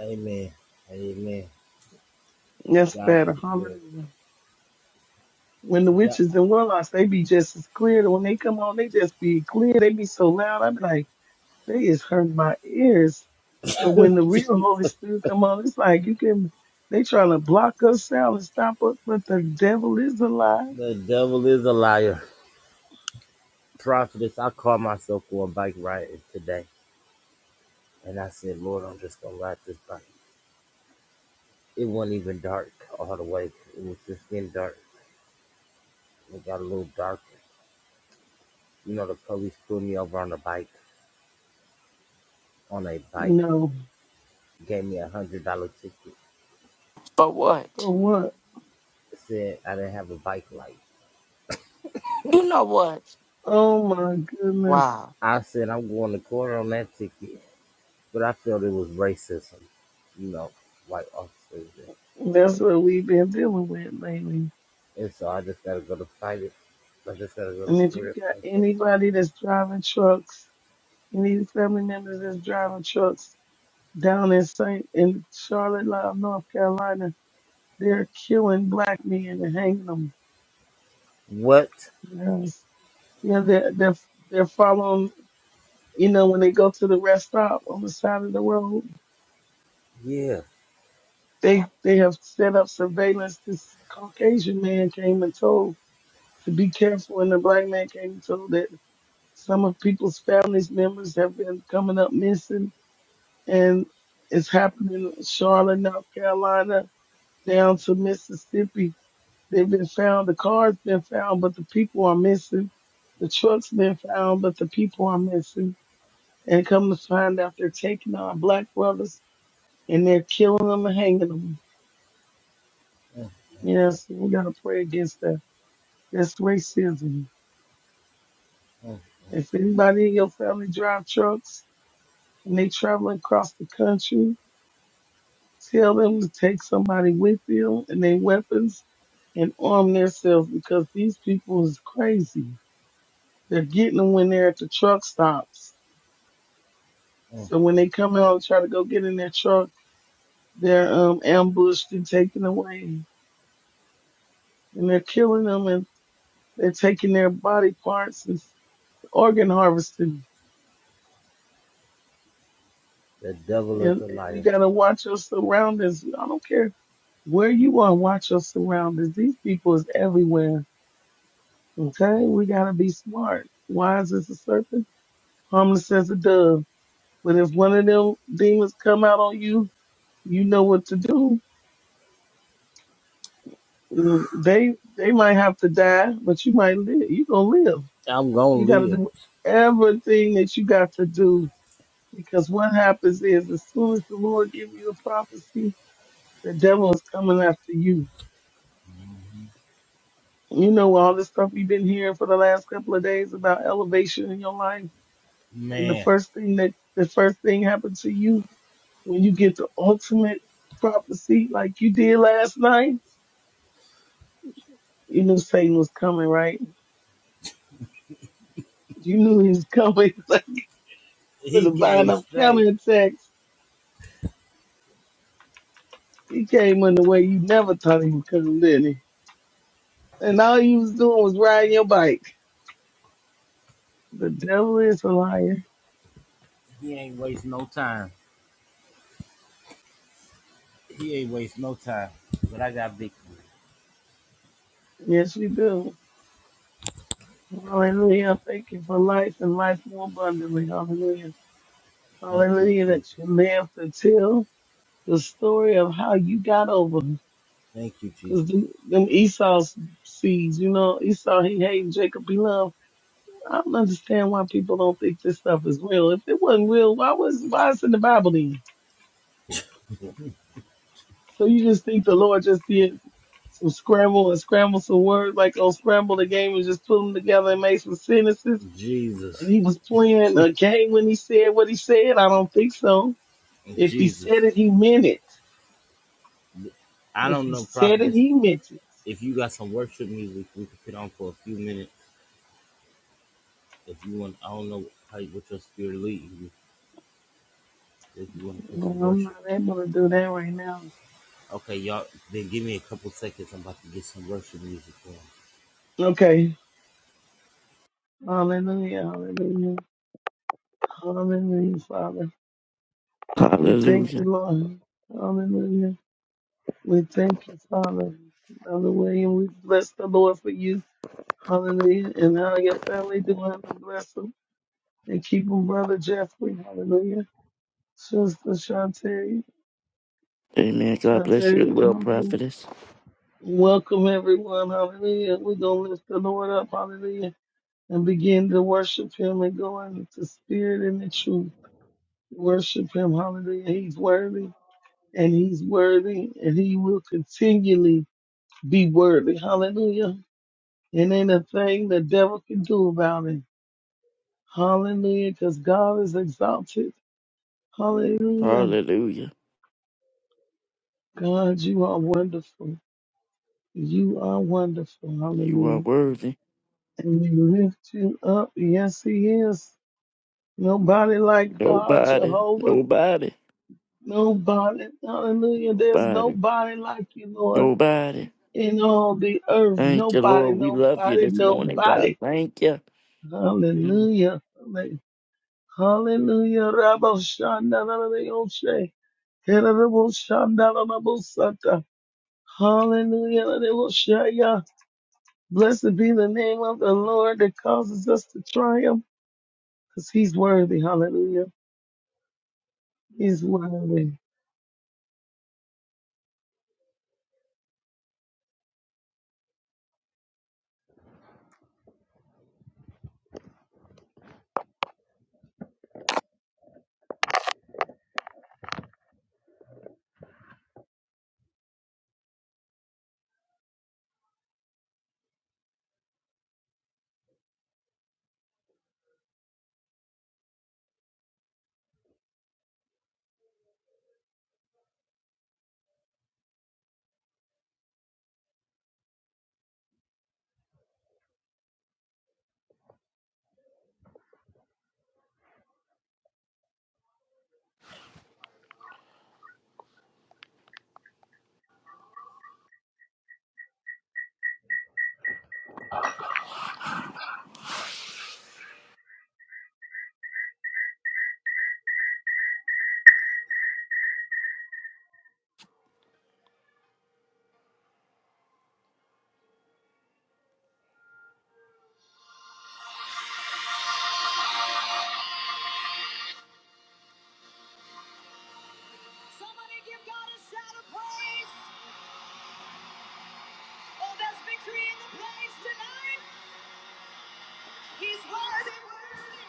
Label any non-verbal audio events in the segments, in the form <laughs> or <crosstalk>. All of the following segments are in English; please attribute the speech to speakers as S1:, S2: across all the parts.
S1: Amen. Amen.
S2: That's
S1: To God be
S2: better.
S1: the glory.
S2: Hallelujah. When the
S1: To God.
S2: witches and warlocks, they be just as clear. When they come on, they just be clear. They be so loud. I be like, they is hurting my ears. But when the real Holy Spirit come on, it's like you can. They trying to block us out and stop us, but the devil is alive.
S1: The devil is a liar. Prophetess, I called myself going bike riding today. And I said, Lord, I'm just going to ride this bike. It wasn't even dark all the way. It was just getting dark. It got a little darker. You know, the police pulled me over on a bike, on a bike,
S2: No,
S1: gave me a $100 ticket.
S3: But
S2: for
S3: what?
S2: what?
S1: Said I didn't have a bike light.
S3: You know what?
S2: Oh my goodness,
S3: Wow.
S1: I said, I'm going to court on that ticket. But I felt it was racism, you know, white officers.
S2: that's what we've been dealing with lately.
S1: And so I just gotta go to fight it. I just gotta go to
S2: And if
S1: for
S2: you
S1: it
S2: got
S1: like that.
S2: anybody that's driving trucks, any family members that's driving trucks, down in Saint in Charlotte, uh, North Carolina, they're killing black men and hanging them.
S1: What?
S2: Yes. Yeah, they're they're they're following. You know, when they go to the rest stop on the side of the road,
S1: Yeah.
S2: they they have set up surveillance. This Caucasian man came and told to be careful, and the black man came and told that some of people's families members have been coming up missing, and it's happening in Charlotte, North Carolina, down to Mississippi They've been found. The cars been found, but the people are missing. The trucks been found, but the people are missing. And come to find out, they're taking our black brothers and they're killing them and hanging them.
S1: Mm,
S2: Yes, we gotta pray against that. That's racism.
S1: mm, mm,
S2: If anybody in your family drive trucks and they traveling across the country, tell them to take somebody with them and their weapons and arm themselves because these people is crazy. They're getting them when they're at the truck stops
S1: mm.
S2: So when they come out and try to go get in their truck, they're um, ambushed and taken away, and they're killing them, and they're taking their body parts and organ harvesting.
S1: The devil is
S2: And,
S1: a
S2: and you
S1: liar.
S2: gotta watch your surroundings. I don't care where you are, watch your surroundings. These people is everywhere. Okay,
S1: Mm.
S2: we gotta be smart. Wise as a serpent, harmless as a dove. But if one of them demons come out on you, you know what to do Mm, They they might have to die, but you might live. You gonna live.
S1: I'm gonna
S2: You gotta
S1: live.
S2: do everything that you got to do because what happens is as soon as the Lord give you a prophecy, the devil is coming after you. You know all this stuff you've been hearing for the last couple of days about elevation in your life, and the
S1: Man,
S2: first thing that the first thing happened to you when you get the ultimate prophecy like you did last night, you knew Satan was coming, right? You knew he was coming. <laughs> With
S1: he
S2: a buying
S1: came
S2: up
S1: straight.
S2: counter attacks, he came in the way you never thought he would come, didn't he? And all you was doing was riding your bike. The devil is a liar.
S1: He ain't waste no time. He ain't waste no time. But I got victory.
S2: Yes, we do. Hallelujah. Thank you for life and life more abundantly. Hallelujah.
S1: Thank you,
S2: Hallelujah
S1: Jesus.
S2: that you live to tell the story of how you got over.
S1: Thank you, Jesus.
S2: Because them, them Esau's seeds, you know, Esau, he hated Jacob, he loved. I don't understand why people don't think this stuff is real. If it wasn't real, why was why is it in the Bible then? So you just think the Lord just did some scramble and scramble some words, like on Scramble the game and just put them together and made some sentences. And
S1: Jesus.
S2: he was playing a game when he said what he said. I don't think so. If he
S1: Jesus.
S2: said it, he meant it.
S1: I
S2: If
S1: don't
S2: he
S1: know,
S2: said it,
S1: prophetess.
S2: he meant it.
S1: If you got some worship music, we could put on for a few minutes. If you want, I don't know how, what your spirit leads. you. if you want to put some
S2: Well, I'm
S1: worship.
S2: not able to do that right now.
S1: Okay, y'all, then give me a couple seconds. I'm about to get some worship music on.
S2: Okay. Hallelujah. Hallelujah. Hallelujah, Father. We thank you,
S3: Hallelujah.
S2: Lord. Hallelujah. We thank you, Father. Brother William, we bless the Lord for you. Hallelujah. And how your family doing and bless them. And keep them, Brother Jeffrey. Hallelujah. Sister Shantae.
S3: Amen. God bless you as
S2: Shantae.
S3: well,
S2: Hallelujah.
S3: prophetess.
S2: Welcome, everyone. Hallelujah. We're going to lift the Lord up. Hallelujah. And begin to worship him and go into the spirit and the truth. Worship him. Hallelujah. He's worthy and he's worthy and he will continually be worthy. Hallelujah. And ain't a thing the devil can do about it. Hallelujah, because God is exalted. Hallelujah.
S3: Hallelujah.
S2: God, you are wonderful. You are wonderful.
S3: You are
S2: Hallelujah.
S3: worthy.
S2: And we lift you up. Yes, He is. Nobody like God,
S3: Nobody,
S2: Jehovah.
S3: nobody,
S2: Nobody. Hallelujah. There's
S3: nobody,
S2: nobody like you, Lord,
S3: nobody.
S2: in all the earth.
S3: Thank you,
S2: Nobody,
S3: Lord. We love you
S2: nobody,
S3: this morning, God.
S2: nobody.
S3: Thank you. Mm.
S2: Hallelujah. Halle- Hallelujah. Rabbi Shandana, Hallelujah. And it will show you. Blessed be the name of the Lord that causes us to triumph because he's worthy. Hallelujah. He's worthy.
S4: Somebody give God a shout of praise. Oh, there's victory in the place tonight. He's worthy, worthy.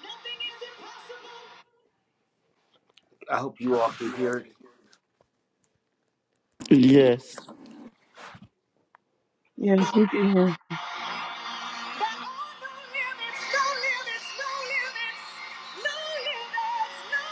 S4: Nothing is impossible. I
S1: I
S4: hope
S1: hope
S4: you
S1: you
S4: all
S1: all
S4: can
S1: can hear
S4: hear it.
S1: it.
S3: Yes.
S2: Yes, we can hear.
S4: no no no no no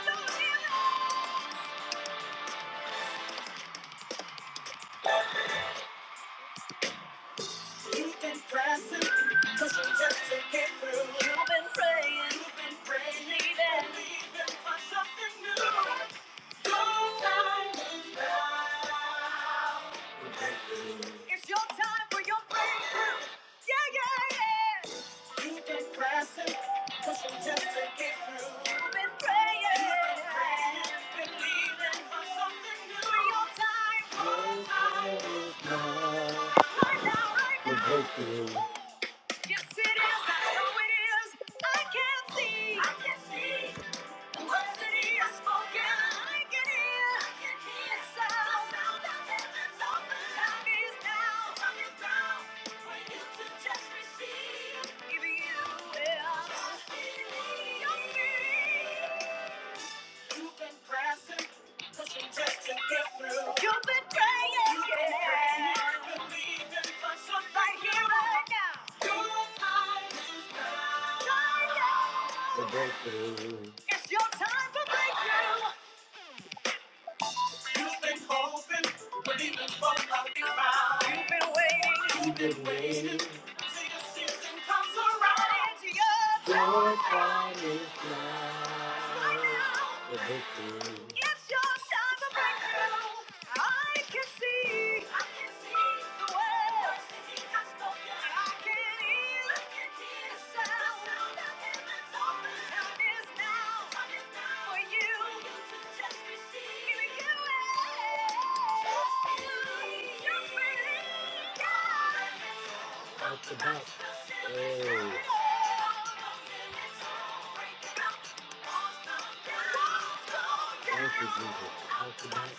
S4: No You've been praying, you've been praying, believing for something new. It's
S1: We're grateful. It's your time
S4: your time for
S1: for
S4: your
S1: your breakthrough.
S4: breakthrough. Yeah,
S1: Yeah, yeah.
S4: yeah, yeah. You've
S1: You've
S4: been
S1: been
S4: pressing,
S1: pressing, but
S4: pushing
S1: you
S4: just
S1: just
S4: to
S1: can't
S4: get
S1: get
S4: through.
S1: through.
S4: You've
S1: You've
S4: been
S1: been
S4: praying,
S1: praying,
S4: You've been praying, believing for something new. For Your time, your time is
S1: believing for something new. Your time is now.
S4: now. It's right now, right now.
S1: for breakthrough.
S4: Yes, it is. I know it is. I can see. I can see. Receive. If You will Just believe. on me. You've been pressing, pushing just to get through. You've been praying, You've been yeah. praying, believing for something right here right now. Your time is now. Right now. The
S1: For breakthrough,
S4: breakthrough. It's your time for breakthrough. You've been hoping, believing for a miracle. You've been waiting, you've
S1: you've
S4: been
S1: been
S4: waiting
S1: waiting.
S4: till your season comes around. It's your time. Your
S1: Your time
S4: time
S1: is
S4: is
S1: now. For breakthrough,
S4: it's your time for breakthrough. I can see. I can see the way. And I can hear the sound. Time is now for you. If you ask, you're
S1: out the box. Hey,
S4: it up. Everyone!
S1: thank you, Jesus. Out the box.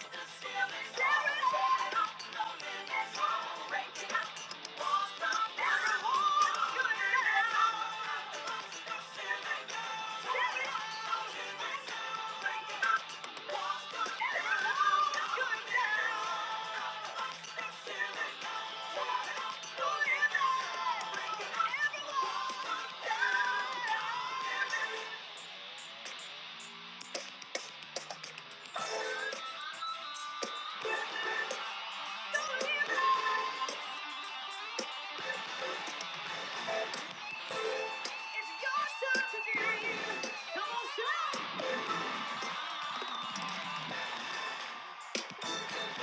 S4: It's your time to dream. Come on, shout.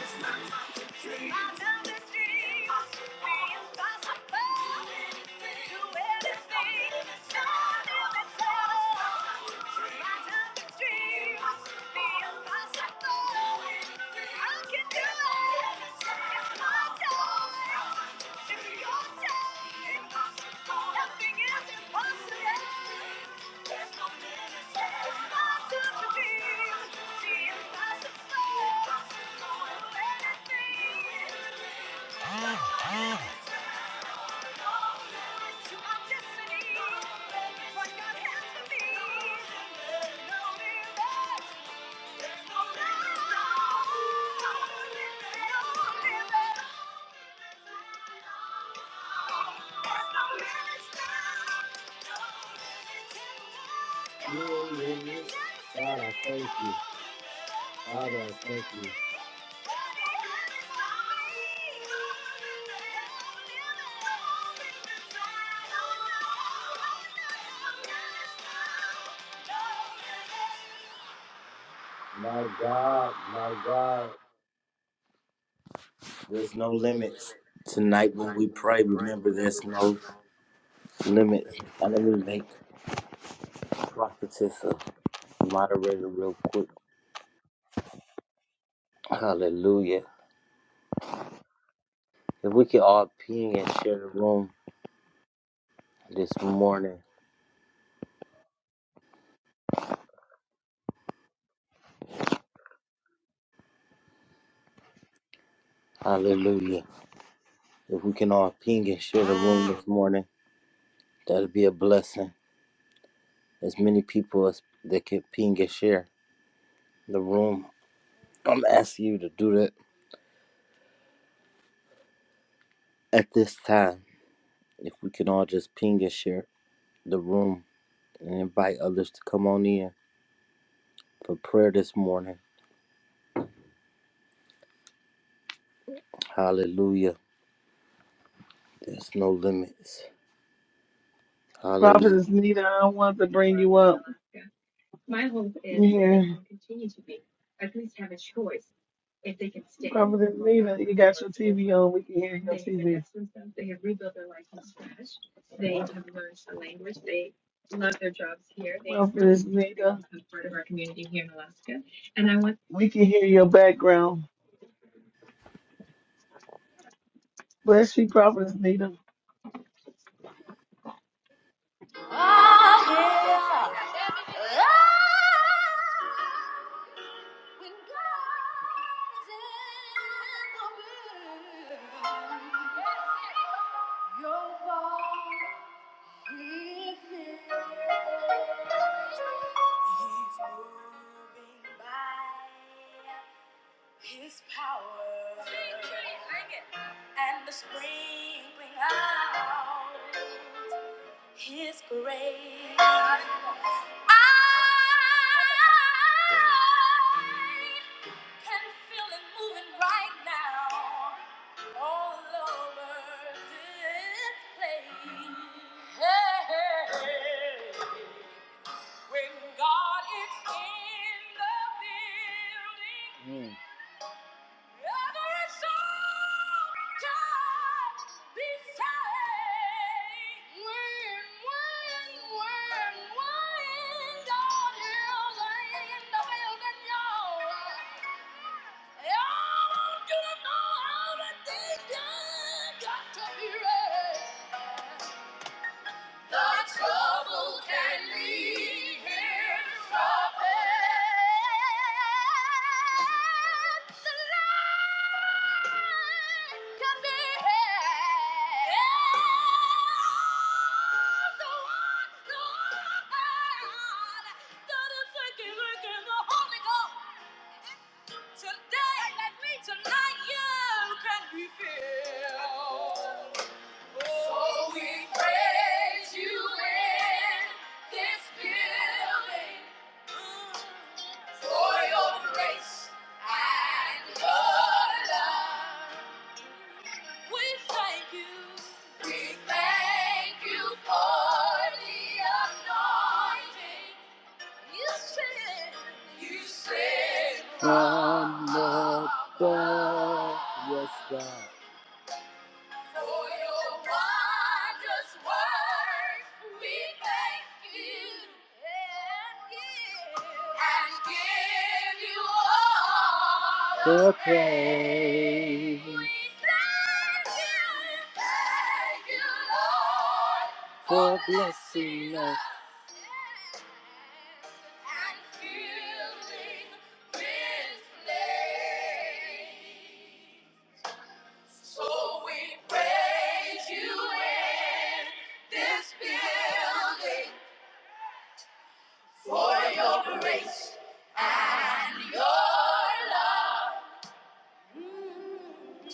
S4: It's my time to dream. I love this dream. Impossible. Be impossible. Do anything. Do anything. Stop in the My time to dream. Be impossible. I can do it. Destiny, what God has for me. No limits. God,
S1: No Loneliness. God,
S4: I
S1: I
S4: thank you.
S1: thank you.
S4: Father,
S1: Father,
S4: I
S1: I
S4: thank
S1: thank
S4: you.
S1: you.
S4: My
S1: My
S4: God,
S1: God,
S4: my
S1: my
S4: God.
S1: God, there's
S4: There's no
S1: no limits.
S4: limits. Tonight
S1: Tonight
S4: when
S1: when
S4: we
S1: we
S4: pray,
S1: pray,
S4: remember
S1: remember there's
S4: there's no
S1: no limits.
S4: limits. And let
S1: I need to
S4: me
S1: make
S4: make
S1: a prophetess
S4: prophetess a moderator
S1: moderator real
S4: real
S1: quick.
S4: quick. Hallelujah.
S1: Hallelujah.
S4: If
S1: If
S4: we
S1: we
S4: can
S1: can
S4: all
S1: all ping
S4: ping and
S1: and
S4: share
S1: share
S4: the
S1: the room
S4: room this
S1: this morning.
S4: morning.
S1: Hallelujah.
S4: Hallelujah.
S1: If
S4: If
S1: we
S4: we can
S1: can
S4: all
S1: all ping
S4: ping and
S1: and
S4: share the
S1: share the
S4: room
S1: room
S4: this morning, that'll be a blessing. As many people as that can ping and share the room. I'm asking you to do that at this time. If we can all just ping and share the room and invite others to come on in for prayer this morning. Hallelujah. There's no limits. Hallelujah.
S2: Prophetess Nita, I want to
S5: for
S2: bring
S5: us
S2: you
S5: in
S2: up.
S5: Alaska. My hope is that
S2: Yeah.
S5: they can continue to be, at least have a choice. If they can stay
S2: Prophetess
S5: and go
S2: Nita,
S5: back
S2: you
S5: when the
S2: got
S5: war
S2: your
S5: is
S2: TV
S5: over,
S2: on. We can hear your
S5: they have
S2: TV.
S5: invested in themselves, they have rebuilt their life from scratch, they have learned a language, they love their jobs here, they have really
S2: Prophetess
S5: integrated
S2: Nita,
S5: become part of our community here in Alaska. And I want
S2: we can hear your background. Bless you, Prophetess Nita.
S4: Ah, yeah. Ah, when God is in the room. Your voice is here. He's moving by. His power and the spring bring out His grace. I can feel it moving right now all over this place. Hey, hey, hey. When God is in the building. Mm. Every soul can be saved. When, when, when, when God is in the building, y'all. want you to know everything done got to be ready. The trouble can leave him troubled. The light can be held. The one, the one that is working, working the Holy Ghost. Tonight, let me tonight you can be filled. So we praise you in this building for your grace and your love. We thank you. We thank you for the anointing. You said, you said, from the cross, yes, God. For your wondrous works, we thank you and give you all the praise. We thank you, thank you, Lord, for, for blessing blessing us. us and filling this place. So we praise you in this building for your grace and your love. Mm.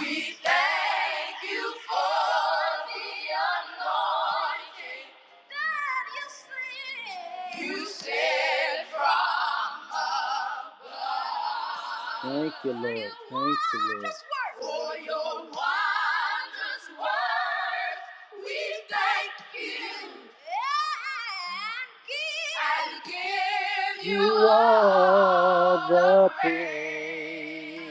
S4: We thank you for the anointing you said from above. Thank you, Lord. Thank you, Lord. For your wondrous work, we thank you. And give and give you you all the praise. praise.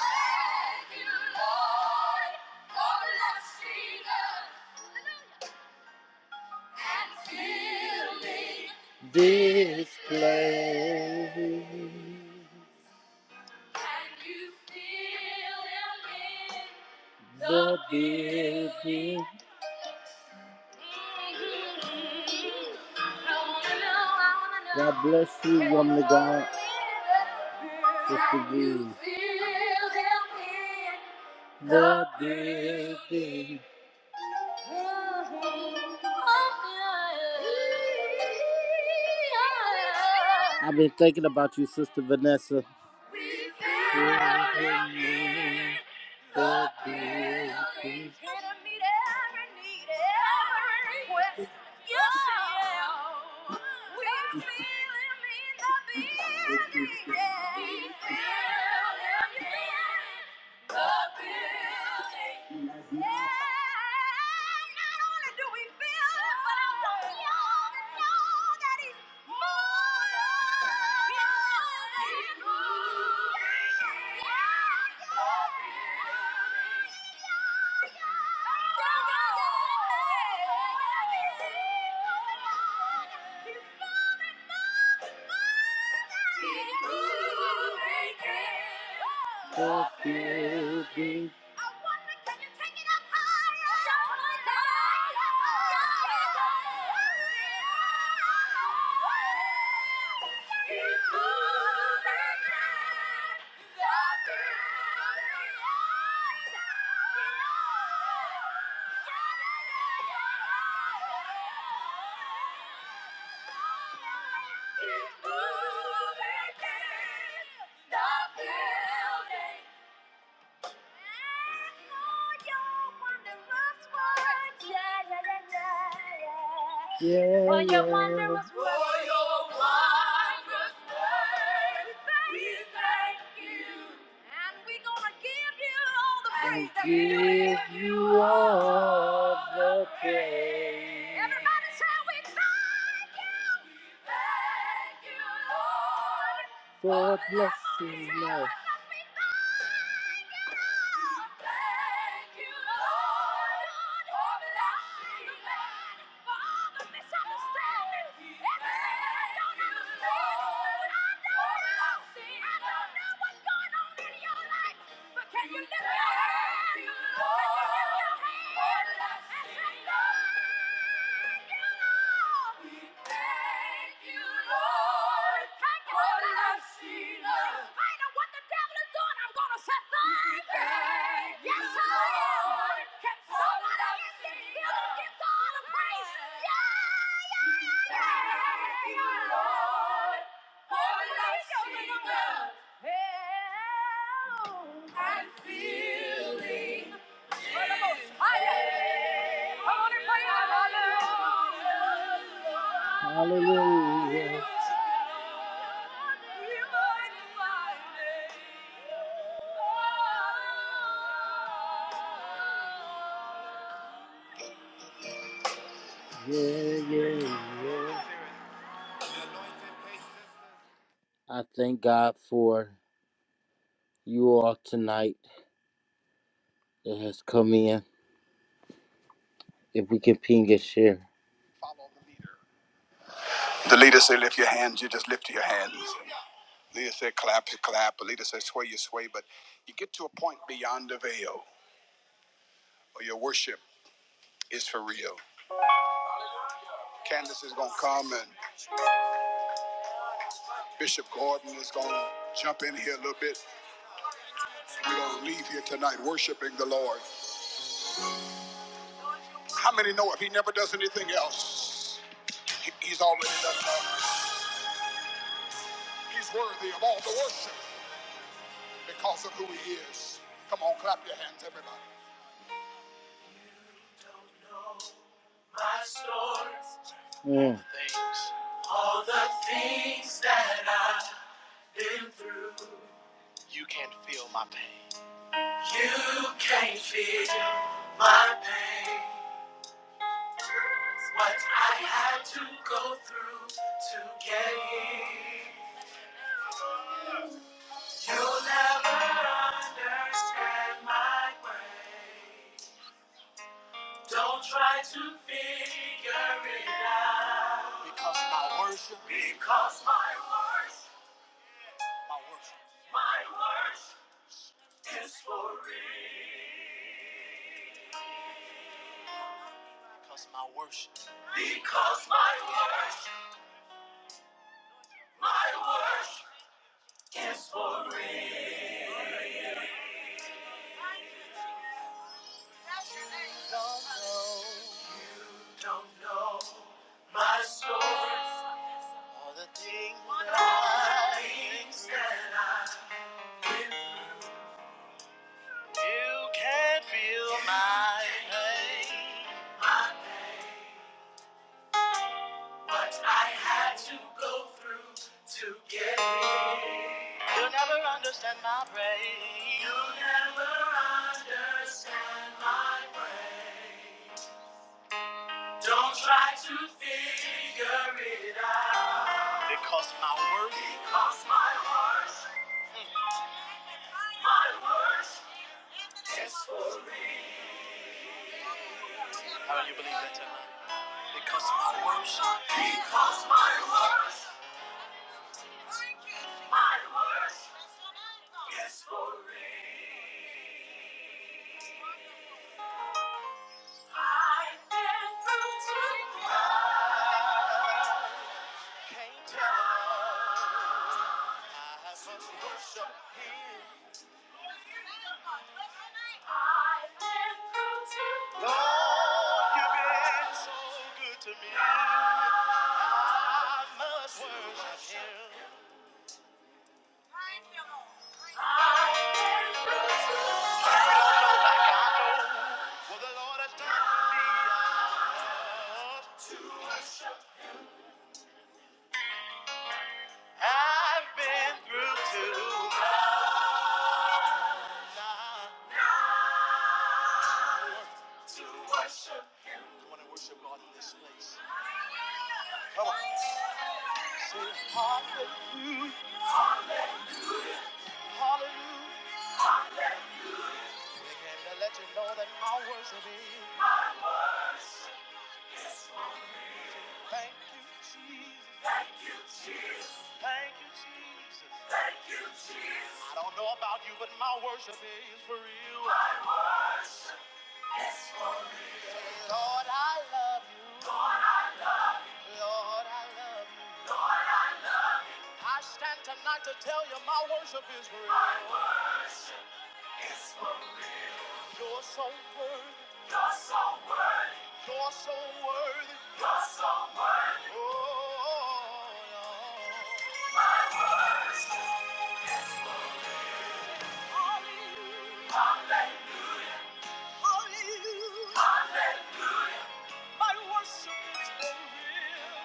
S4: Thank you, Lord, for blessing us. This place. Can you feel in the building. God bless you, woman of God, Sister V. The building. I've been thinking about you, Sister Vanessa. The building. The building I wonder, can you take it up higher! Yeah. Yeah, For your yeah. wondrous work. For your wondrous work. We thank you. And we're going to give you all the praise. that Give you all the praise. Everybody say we thank you. We thank you, Lord for blessing us. Can you lift your hands? Can you lift your hands? I'm feeling Hallelujah. Yeah, yeah, yeah. I thank God for you all tonight that has come in. If we can ping and share. The leader say, lift your hands. You just lift your hands. Leader said clap, you clap. A leader said sway, you sway. But you get to a point beyond the veil where your worship is for real. Candace is going to come and Bishop Gordon is going to jump in here a little bit. We're going to leave here tonight worshiping the Lord. How many know if he never does anything else, he- he's already done it all. He's worthy of all the worship because of who he is. Come on, clap your hands, everybody. my Mm. things, all the things that I've been through. You can't feel my pain. You can't feel my pain. What I had to go through to get here. You'll never understand my way. Don't try to figure it out. Because my worship. Because my worship. My worship. My worship is for real. Because my worship. Because my worship. My worship is for real. Don't know. Don't know my story. All the things that I. All the things that I You can feel my pain. My pain. What I had to go through to get here. You'll never understand my pain. You'll never understand my pain. Don't try to figure it out. Because my worth. Because my worth. <laughs> My worth. Yes, How do you believe that tonight? Because my worship. Because my worship. My worship. Yes, Lord. I've been through to God. Can't tell I have a worship. I've been through to Lord, you've been so good to me. I must worship Him. Hallelujah, hallelujah. We came to let you know that my worship is. Thank you, Jesus. Thank you, Jesus. I don't know about you, but my worship is for real. Lord, I love you. Lord, I love you. I stand tonight to tell you my worship is real. You're so worthy. You're so worthy. You're so worthy. Oh, Lord. Hallelujah. My worship is for real.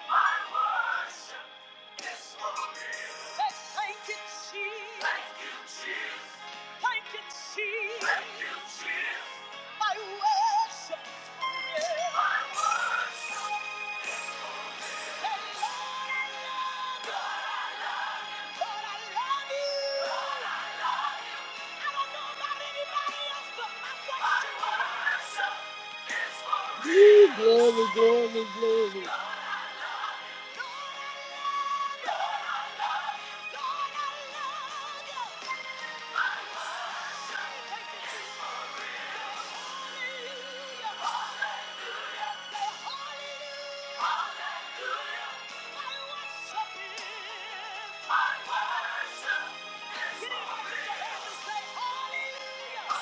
S4: Thank you, Jesus. Thank you, Jesus. My worship is for real. My worship is for real. Say, Lord, I love you. Lord, I love you. Glory, glory, glory. I love, Lord, I worship. Get it like you can help and say hallelujah.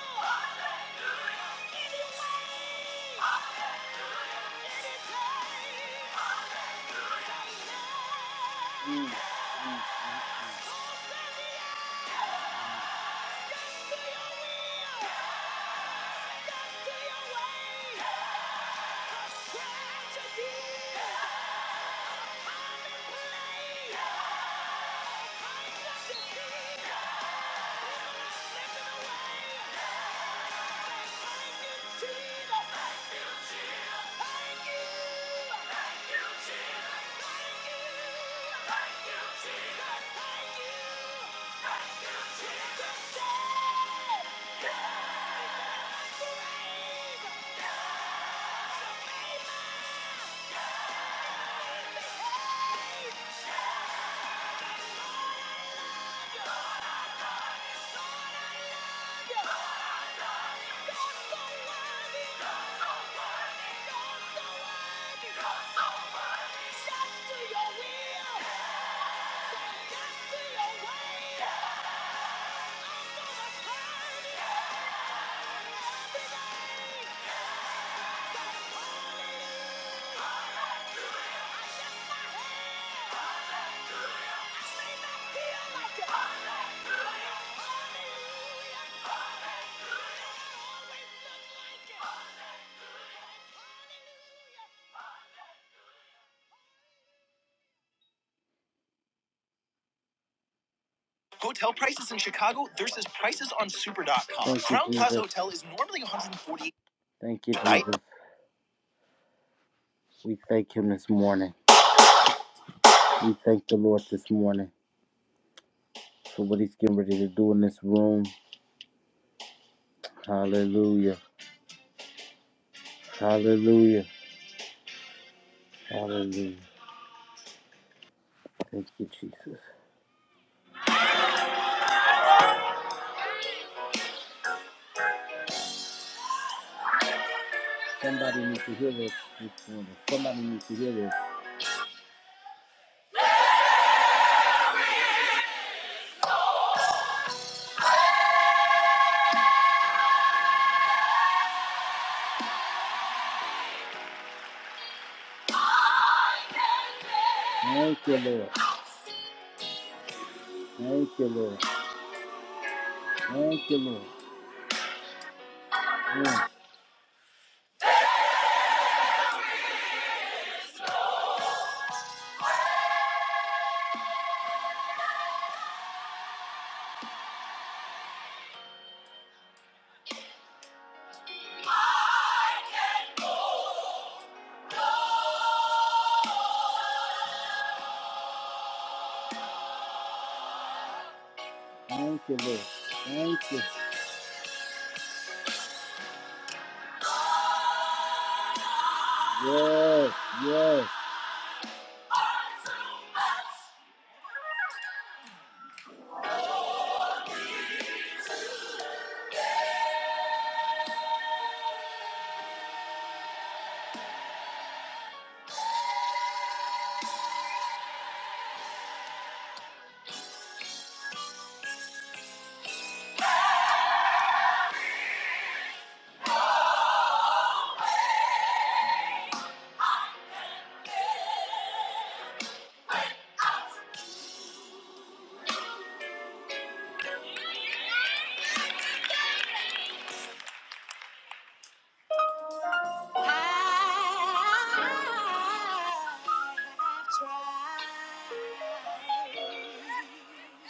S4: anyway, yes yes away. Yes to your will! Say yes to your way! Hotel prices in Chicago versus prices on Super. dot com. Crown Plaza Hotel is normally 140. Thank you, Right? Jesus. We thank Him this morning. We thank the Lord this morning for what He's getting ready to do in this room. Hallelujah. Hallelujah. Hallelujah. Thank you, Jesus. Somebody needs to hear this this morning. Somebody needs to hear this. Thank you, Lord. Thank you, Lord. Thank you, Lord. Mm. Thank you, Lord. Thank you. Yes, yes. I have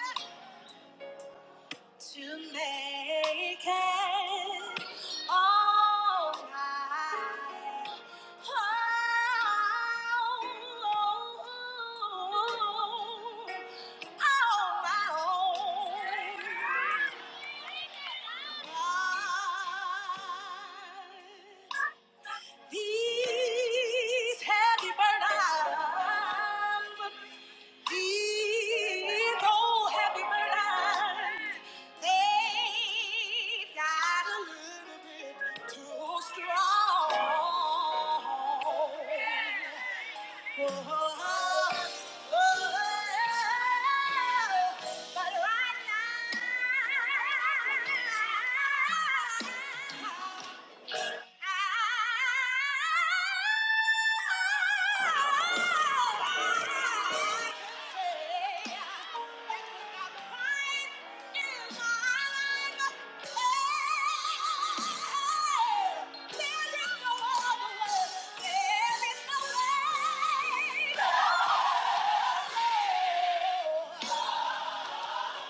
S4: tried. to make it all right. Oh, on my own. Why These heavy burdens these old happy bird eyes, they've got a little bit too strong. Oh, oh, but right now, Oh!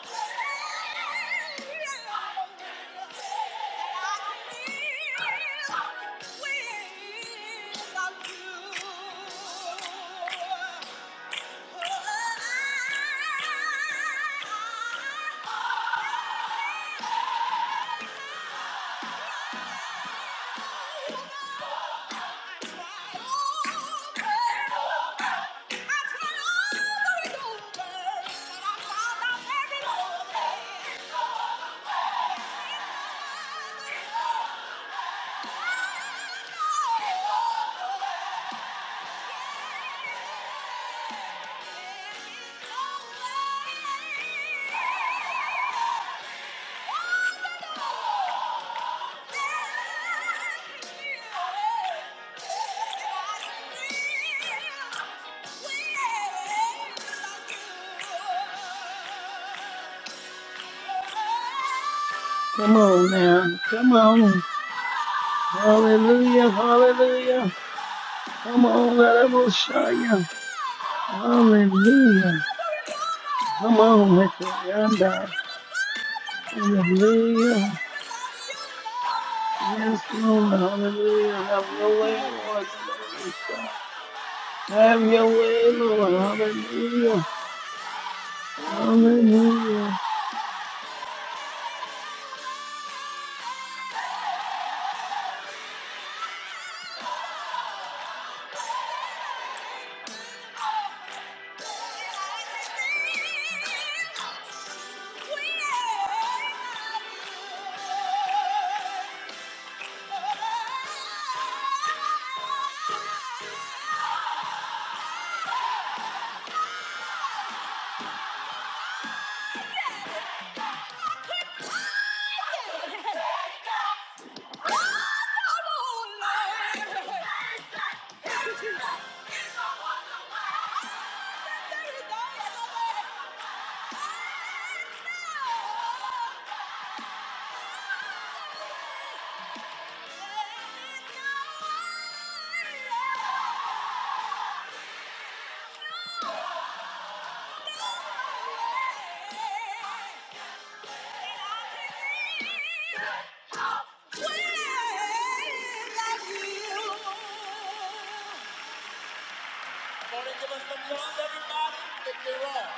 S4: Oh! <laughs>
S2: Come on now. Come on. Hallelujah. Hallelujah. Come on. Let us show you. Hallelujah. Come on, Hecorianda. Hallelujah. Yes, Lord. Hallelujah. Have your
S4: Thank
S2: way,
S4: you, Lord.
S2: Lord. Let that all stop. Have your way,
S4: Thank you,
S2: Lord.
S4: Lord.
S2: Hallelujah.
S4: Thank you, Lord.
S2: Hallelujah.
S4: <laughs> Morning, give us some love, everybody. Victory Ross.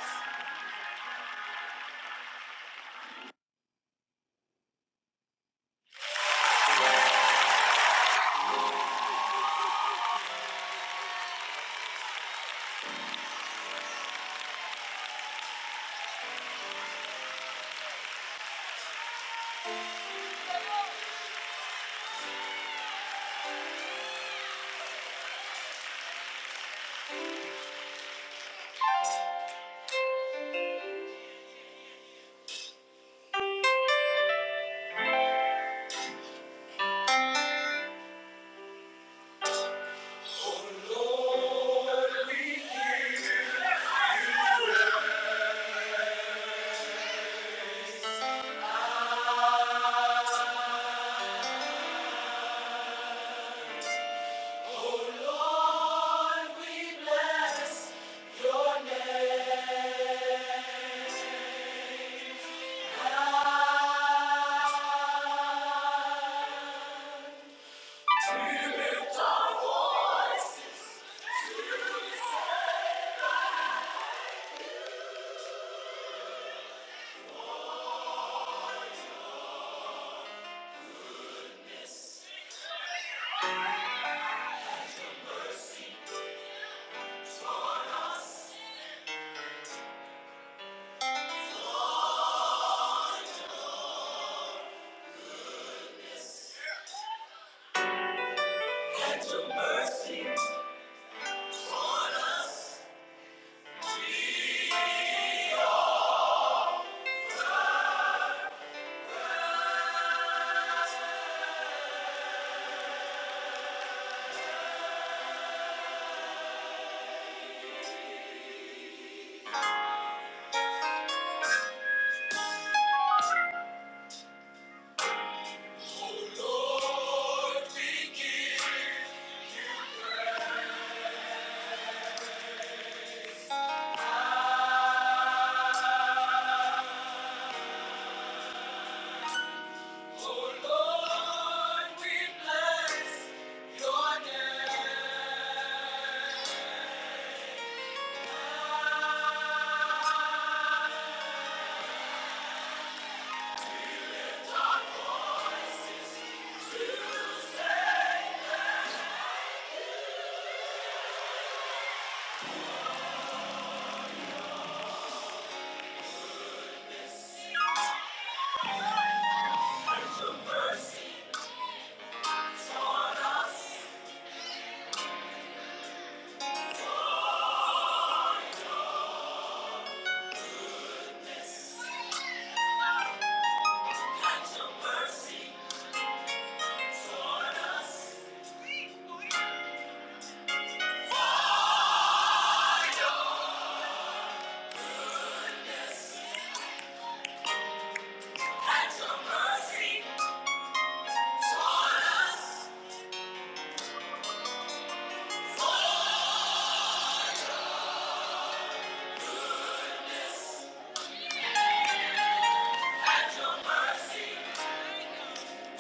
S4: Your Mercy!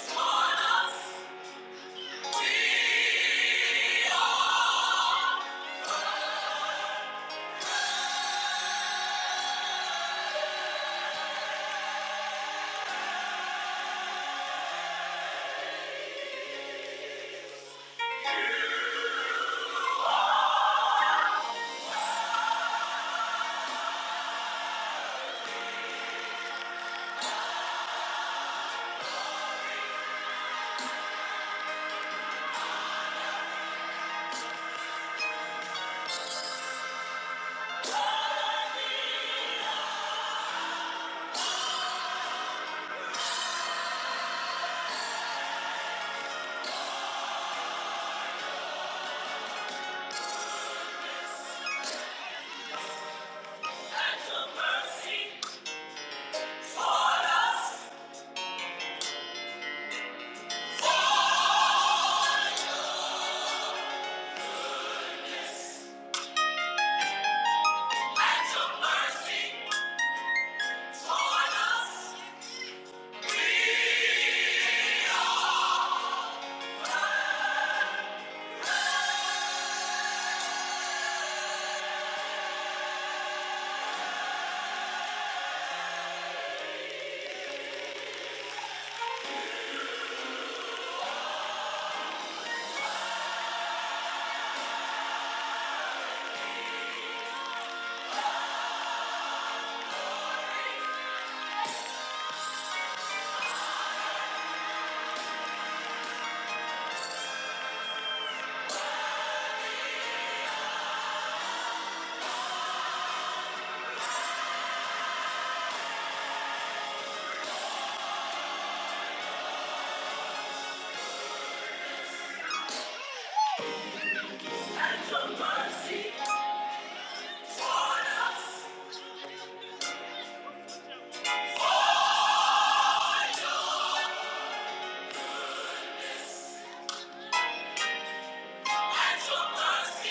S4: your Mercy!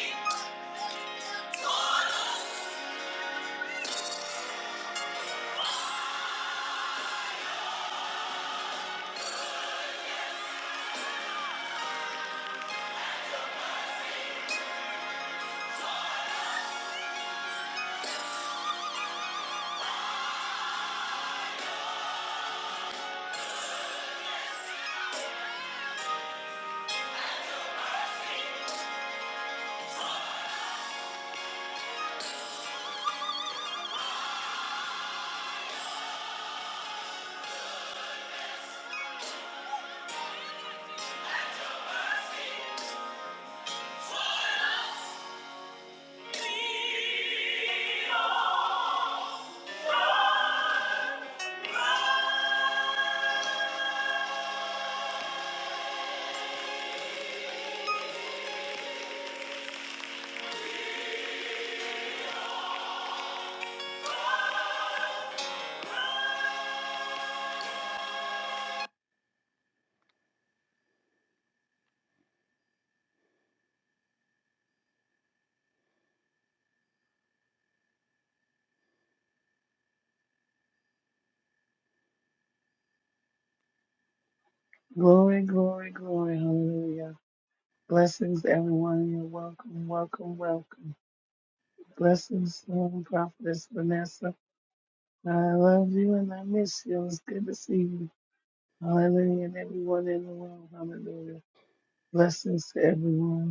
S2: Glory, glory, glory. Hallelujah. Blessings, everyone. You're welcome, welcome, welcome. Blessings, Lord, Prophetess Vanessa. I love you and I miss you. It's good to see you. Hallelujah. And everyone in the world. Hallelujah. Blessings to everyone.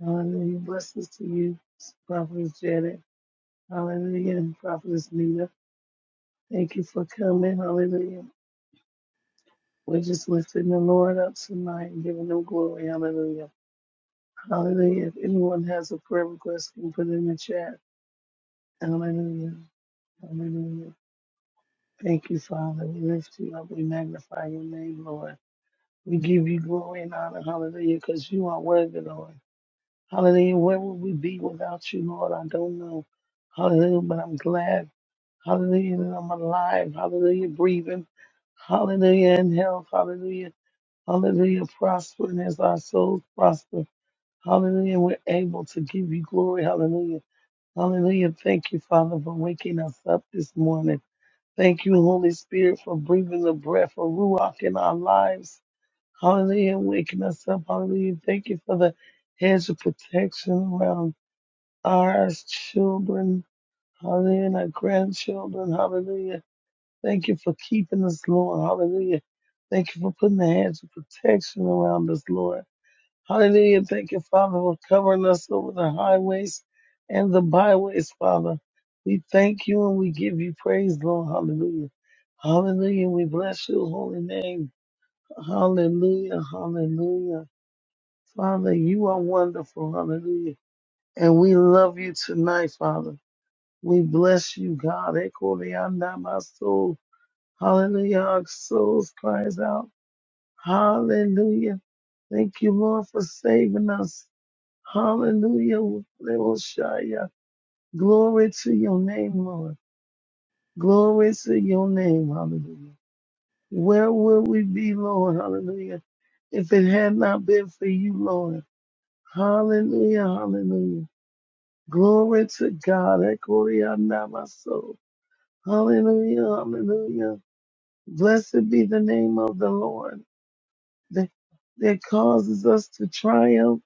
S2: Hallelujah. Blessings to you, Prophetess Janet. Hallelujah. And Prophetess Nita. Thank you for coming. Hallelujah. We're just lifting the Lord up tonight and giving him glory. Hallelujah. Hallelujah. If anyone has a prayer request, you can put it in the chat. Hallelujah. Hallelujah. Thank you, Father. We lift you up. We magnify your name, Lord. We give you glory and honor. Hallelujah. Because you are worthy, Lord. Hallelujah. Where would we be without you, Lord? I don't know. Hallelujah. But I'm glad Hallelujah. that I'm alive. Hallelujah. Breathing. Hallelujah. In health. Hallelujah. Hallelujah. Prospering as our souls prosper. Hallelujah. We're able to give you glory. Hallelujah. Hallelujah. Thank you, Father, for waking us up this morning. Thank you, Holy Spirit, for breathing the breath of Ruach in our lives. Hallelujah. Waking us up. Hallelujah. Thank you for the hedge of protection around our children. Hallelujah. And our grandchildren. Hallelujah. Thank you for keeping us, Lord. Hallelujah. Thank you for putting the hands of protection around us, Lord. Hallelujah. Thank you, Father, for covering us over the highways and the byways, Father. We thank you and we give you praise, Lord. Hallelujah. Hallelujah. We bless your holy name. Hallelujah. Hallelujah. Father, you are wonderful. Hallelujah. And we love you tonight, Father. We bless you, God. Echo the Hallelujah. Our souls cries out. Hallelujah. Thank you, Lord, for saving us. Hallelujah. Little Shia. Glory to your name, Lord. Glory to your name. Hallelujah. Where would we be, Lord? Hallelujah. If it had not been for you, Lord. Hallelujah. Hallelujah. Glory to God. Ekoriana, my soul. Hallelujah. Hallelujah. Blessed be the name of the Lord. that, that causes us to triumph.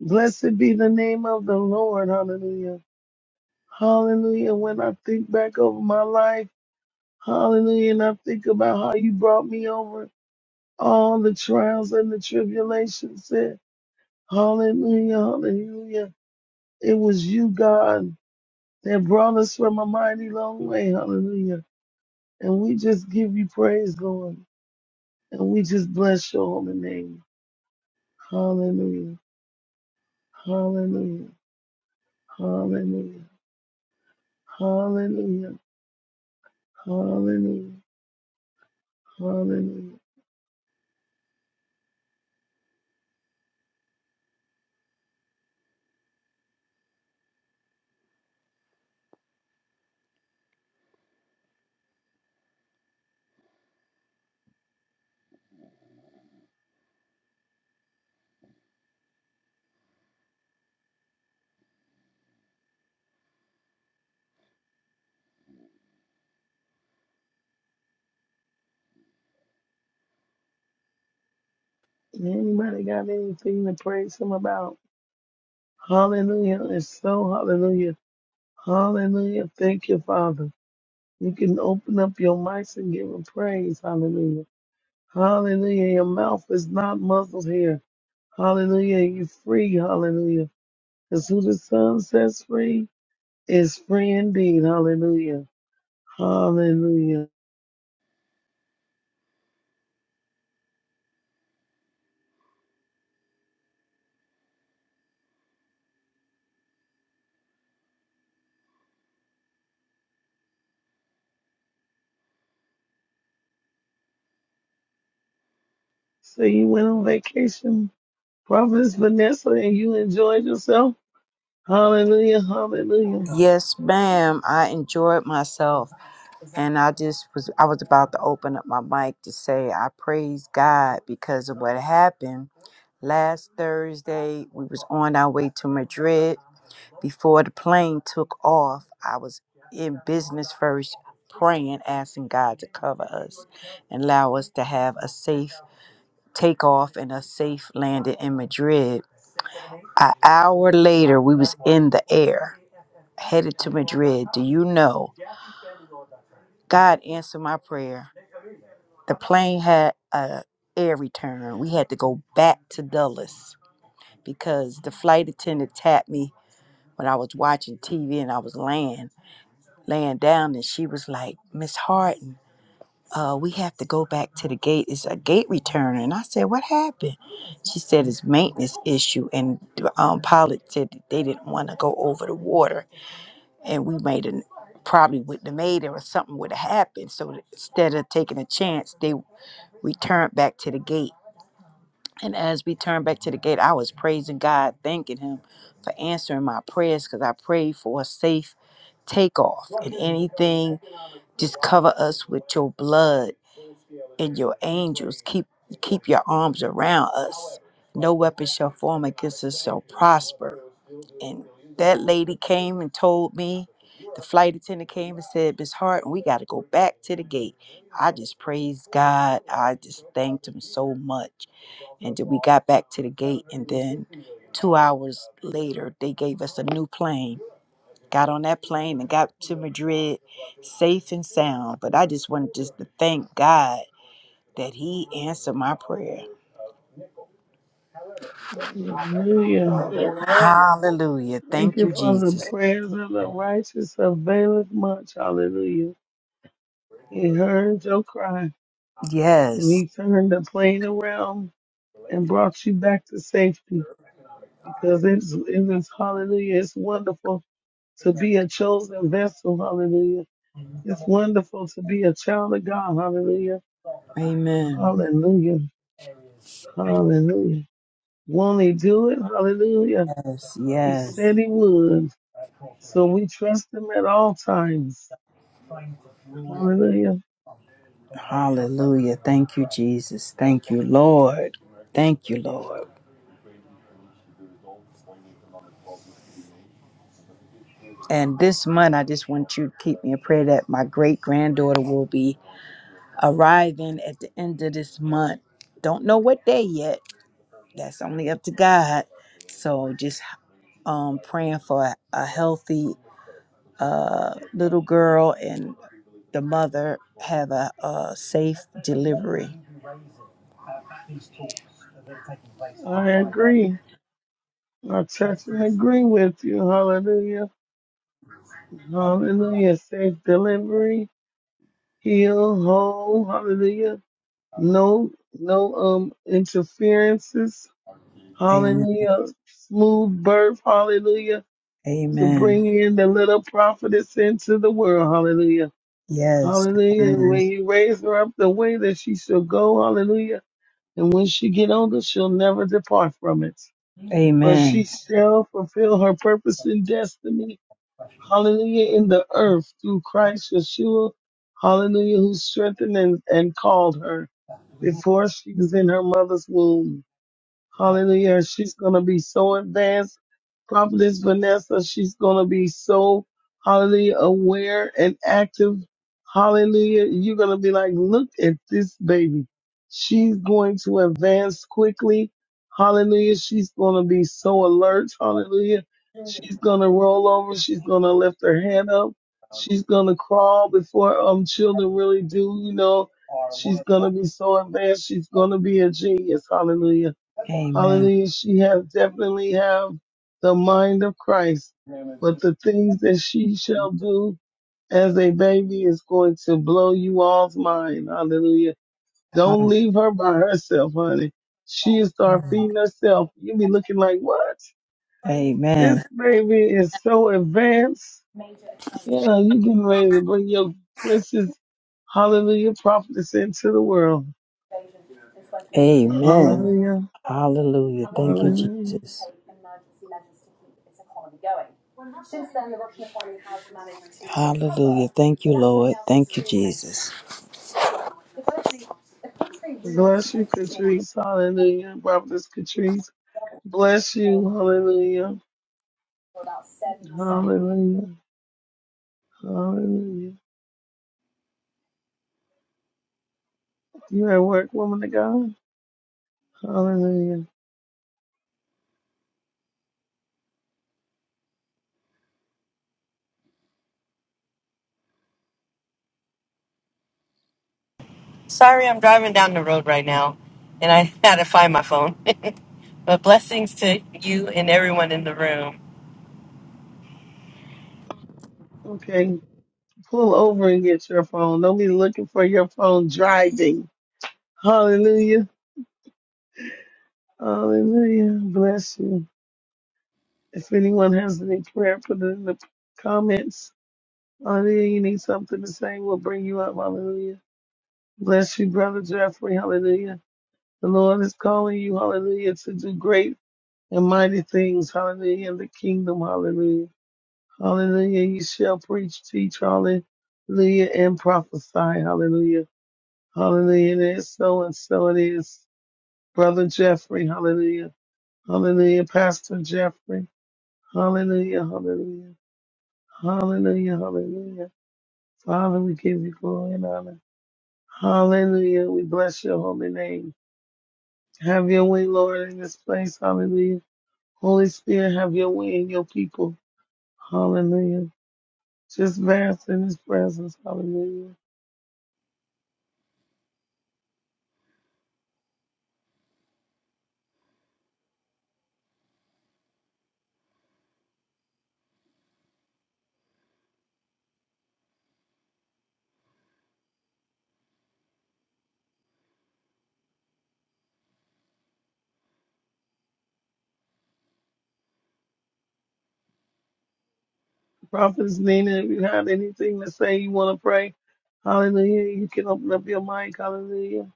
S2: Blessed be the name of the Lord. Hallelujah. Hallelujah. When I think back over my life, hallelujah, and I think about how you brought me over all the trials and the tribulations Said, Hallelujah. Hallelujah. It was you, God, that brought us from a mighty long way. Hallelujah. And we just give you praise, Lord. And we just bless your holy name. Hallelujah. Hallelujah. Hallelujah. Hallelujah. Hallelujah. Hallelujah. Anybody got anything to praise him about? Hallelujah. It's so hallelujah. Hallelujah. Thank you, Father. You can open up your mics and give him praise. Hallelujah. Hallelujah. Your mouth is not muzzled here. Hallelujah. You're free. Hallelujah. Because who the Son sets free is free indeed. Hallelujah. Hallelujah. So you went on vacation Prophetess Vanessa, and you enjoyed yourself. Hallelujah, hallelujah,
S6: Yes, ma'am. I enjoyed myself. And I just was, I was about to open up my mic to say, I praise God because of what happened. Last Thursday, we was on our way to Madrid. Before the plane took off, I was in business first, praying, asking God to cover us and allow us to have a safe takeoff and a safe landing in Madrid. An hour later, we was in the air, headed to Madrid. Do you know? God answered my prayer. The plane had a air return. We had to go back to Dulles because the flight attendant tapped me when I was watching TV and I was laying laying down, and she was like, "Miss Harden, uh, we have to go back to the gate. It's a gate return." And I said, "What happened?" She said, "It's maintenance issue." And the um, pilot said that they didn't want to go over the water, and we made an probably wouldn't have made it or something would have happened. So instead of taking a chance, they we turned back to the gate. And as we turned back to the gate, I was praising God, thanking Him for answering my prayers because I prayed for a safe takeoff. And anything, just cover us with your blood and your angels. Keep keep your arms around us. No weapon shall form against us shall prosper. And that lady came and told me, the flight attendant came and said, Miss Hart, we got to go back to the gate. I just praised God. I just thanked Him so much and we got back to the gate and then two hours later they gave us a new plane got on that plane and got to madrid safe and sound but i just wanted just to thank god that he answered my prayer
S2: hallelujah.
S6: hallelujah
S2: Thank
S6: thank
S2: you
S6: you
S2: for the
S6: jesus
S2: prayers of the righteous availeth much. Hallelujah. He heard your cry and
S6: yes
S2: he turned the plane around and brought you back to safety because it's, it is, hallelujah, it's wonderful to be a chosen vessel. Hallelujah. It's wonderful to be a child of God. Hallelujah.
S6: amen
S2: Hallelujah. Hallelujah. Won't he do it? Hallelujah.
S6: yes
S2: He
S6: yes
S2: said he would. So we trust him at all times. Hallelujah.
S6: hallelujah thank you jesus thank you lord thank you lord and this month i just want you to keep me in prayer that my great granddaughter will be arriving at the end of this month. Don't know what day yet. That's only up to God. So just um praying for a, a healthy uh little girl and the mother have a, a safe delivery.
S2: I agree. I touch and agree with you. Hallelujah. Hallelujah. Safe delivery, heal, whole. Hallelujah. No, no, um, interferences.
S6: Amen.
S2: Hallelujah. Smooth birth. Hallelujah. To
S6: Amen.
S2: bring in the little prophetess into the world. Hallelujah.
S6: Yes.
S2: Hallelujah. And
S6: Hallelujah.
S2: when you raise her up the way that she shall go. Hallelujah and when she get older, she'll never depart from it. But she
S6: Amen.
S2: shall fulfill her purpose and destiny, hallelujah, in the earth through Christ Yeshua, hallelujah, who strengthened and, and called her before she was in her mother's womb. Hallelujah. She's going to be so advanced. Prophetess Vanessa, she's going to be so, hallelujah, aware and active. Hallelujah. You're going to be like, look at this baby. She's going to advance quickly. Hallelujah. She's going to be so alert. Hallelujah. She's going to roll over. She's going to lift her hand up. She's going to crawl before um children really do, you know. She's going to be so advanced. She's going to be a genius. Hallelujah.
S6: Amen.
S2: Hallelujah. She have definitely have the mind of Christ, but the things that she shall do as a baby is going to blow you all's mind. Hallelujah. Don't leave her by herself, honey. She'll start feeding herself. You'll be looking like, what?
S6: Amen.
S2: This baby is so advanced. Yeah, you getting ready to bring your princess, hallelujah, prophetess into the world.
S6: Amen.
S2: Hallelujah.
S6: Hallelujah. Thank you,
S2: Hallelujah.
S6: Jesus. Hallelujah. Thank you, Lord. Thank you, Jesus.
S2: Bless you, Catrice. Hallelujah. Prophetess Catrice. Bless you. Hallelujah. Hallelujah. Hallelujah. You at work, woman of God? Hallelujah.
S7: Sorry, I'm driving down the road right now and I <laughs> had to find my phone. <laughs> but blessings to you and everyone in the room.
S2: Okay. Pull over and get your phone. Don't be looking for your phone driving. Hallelujah. Hallelujah. Bless you. If anyone has any prayer, put it in the comments. Hallelujah. You need something to say, we'll bring you up. Hallelujah. Bless you, Brother Jeffrey. Hallelujah. The Lord is calling you, hallelujah, to do great and mighty things, hallelujah, in the kingdom, hallelujah. Hallelujah, you shall preach, teach, hallelujah, and prophesy, hallelujah. Hallelujah, it is so and so it is. Brother Jeffrey, hallelujah. Hallelujah, Pastor Jeffrey, hallelujah, hallelujah. Hallelujah, hallelujah. Father, we give you glory and honor. Hallelujah, we bless your holy name. Have your way, Lord, in this place, hallelujah. Holy Spirit, have your way in your people. Hallelujah. Just bask in his presence. Hallelujah. Prophetess Nina, if you have anything to say you want to pray, hallelujah, you can open up your mic. Hallelujah.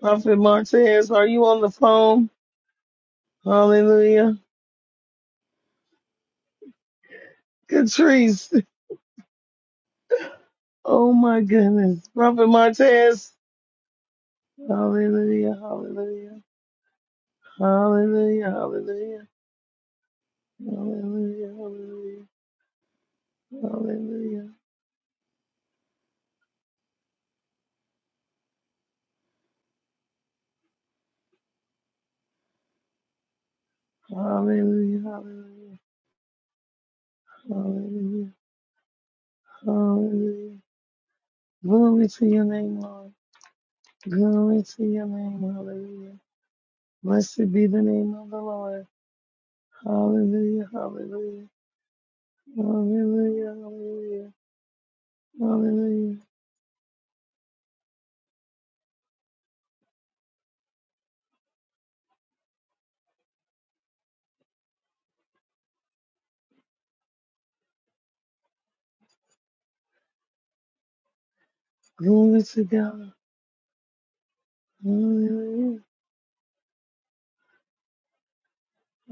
S2: Prophet Martez, are you on the phone? Hallelujah. Catrice, oh my goodness. Prophet Martez, hallelujah, hallelujah, hallelujah, hallelujah, hallelujah, hallelujah, hallelujah, hallelujah, hallelujah. Hallelujah. Hallelujah. Glory to your name, Lord. Glory to your name. Hallelujah. Blessed be the name of the Lord. Hallelujah. Hallelujah. Hallelujah. Hallelujah. Hallelujah. Glory to God. Hallelujah.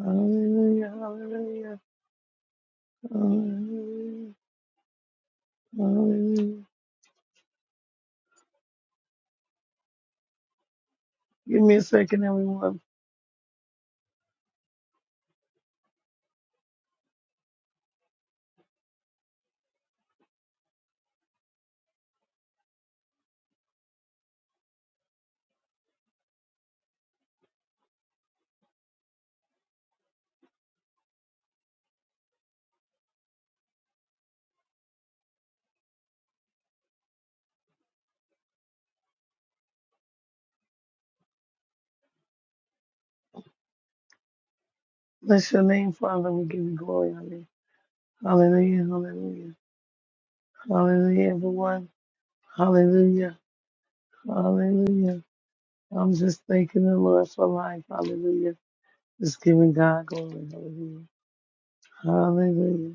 S2: Hallelujah. Hallelujah. Hallelujah. Hallelujah. Give me a second, everyone. Bless your name, Father. We give you glory on it. Hallelujah. Hallelujah. Hallelujah, everyone. Hallelujah. Hallelujah. I'm just thanking the Lord for life. Hallelujah. Just giving God glory. Hallelujah. Hallelujah.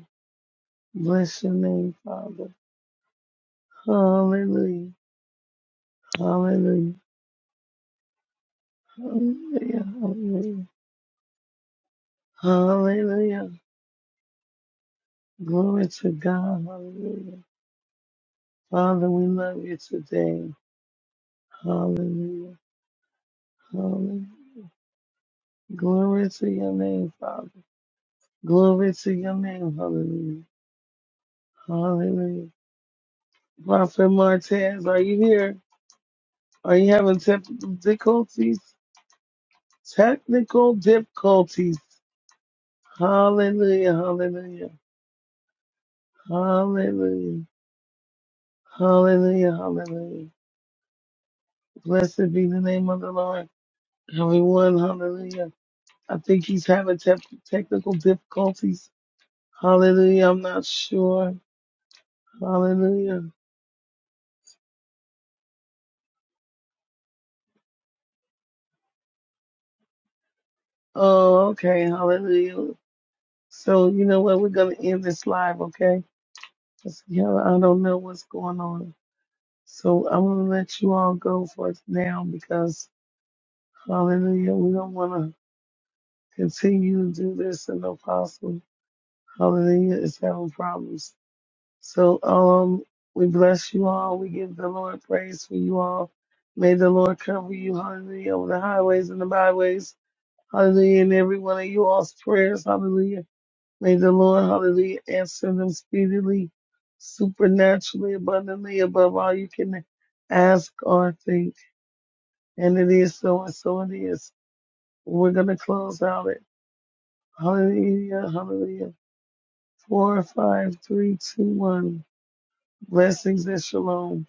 S2: Bless your name, Father. Hallelujah. Hallelujah. Hallelujah. Hallelujah. Hallelujah. Glory to God. Hallelujah. Father, we love you today. Hallelujah. Hallelujah. Glory to your name, Father. Glory to your name. Hallelujah. Hallelujah. Prophet Martez, are you here? Are you having technical difficulties? Technical difficulties. Hallelujah, hallelujah, hallelujah, hallelujah, hallelujah. Blessed be the name of the Lord. Everyone, hallelujah. I think he's having te- technical difficulties. Hallelujah, I'm not sure. Hallelujah. Oh, okay, hallelujah. So, you know what? We're going to end this live, okay? 'Cause, Yeah, I don't know what's going on. So I'm going to let you all go for now because, hallelujah, we don't want to continue to do this and apostle, hallelujah, is having problems. So um, we bless you all. We give the Lord praise for you all. May the Lord cover you, hallelujah, over the highways and the byways, hallelujah, in every one of you all's prayers, hallelujah. May the Lord, hallelujah, answer them speedily, supernaturally, abundantly, above all you can ask or think. And it is so, and so it is. We're going to close out it. Hallelujah, hallelujah. Four, five, three, two, one. Blessings and shalom.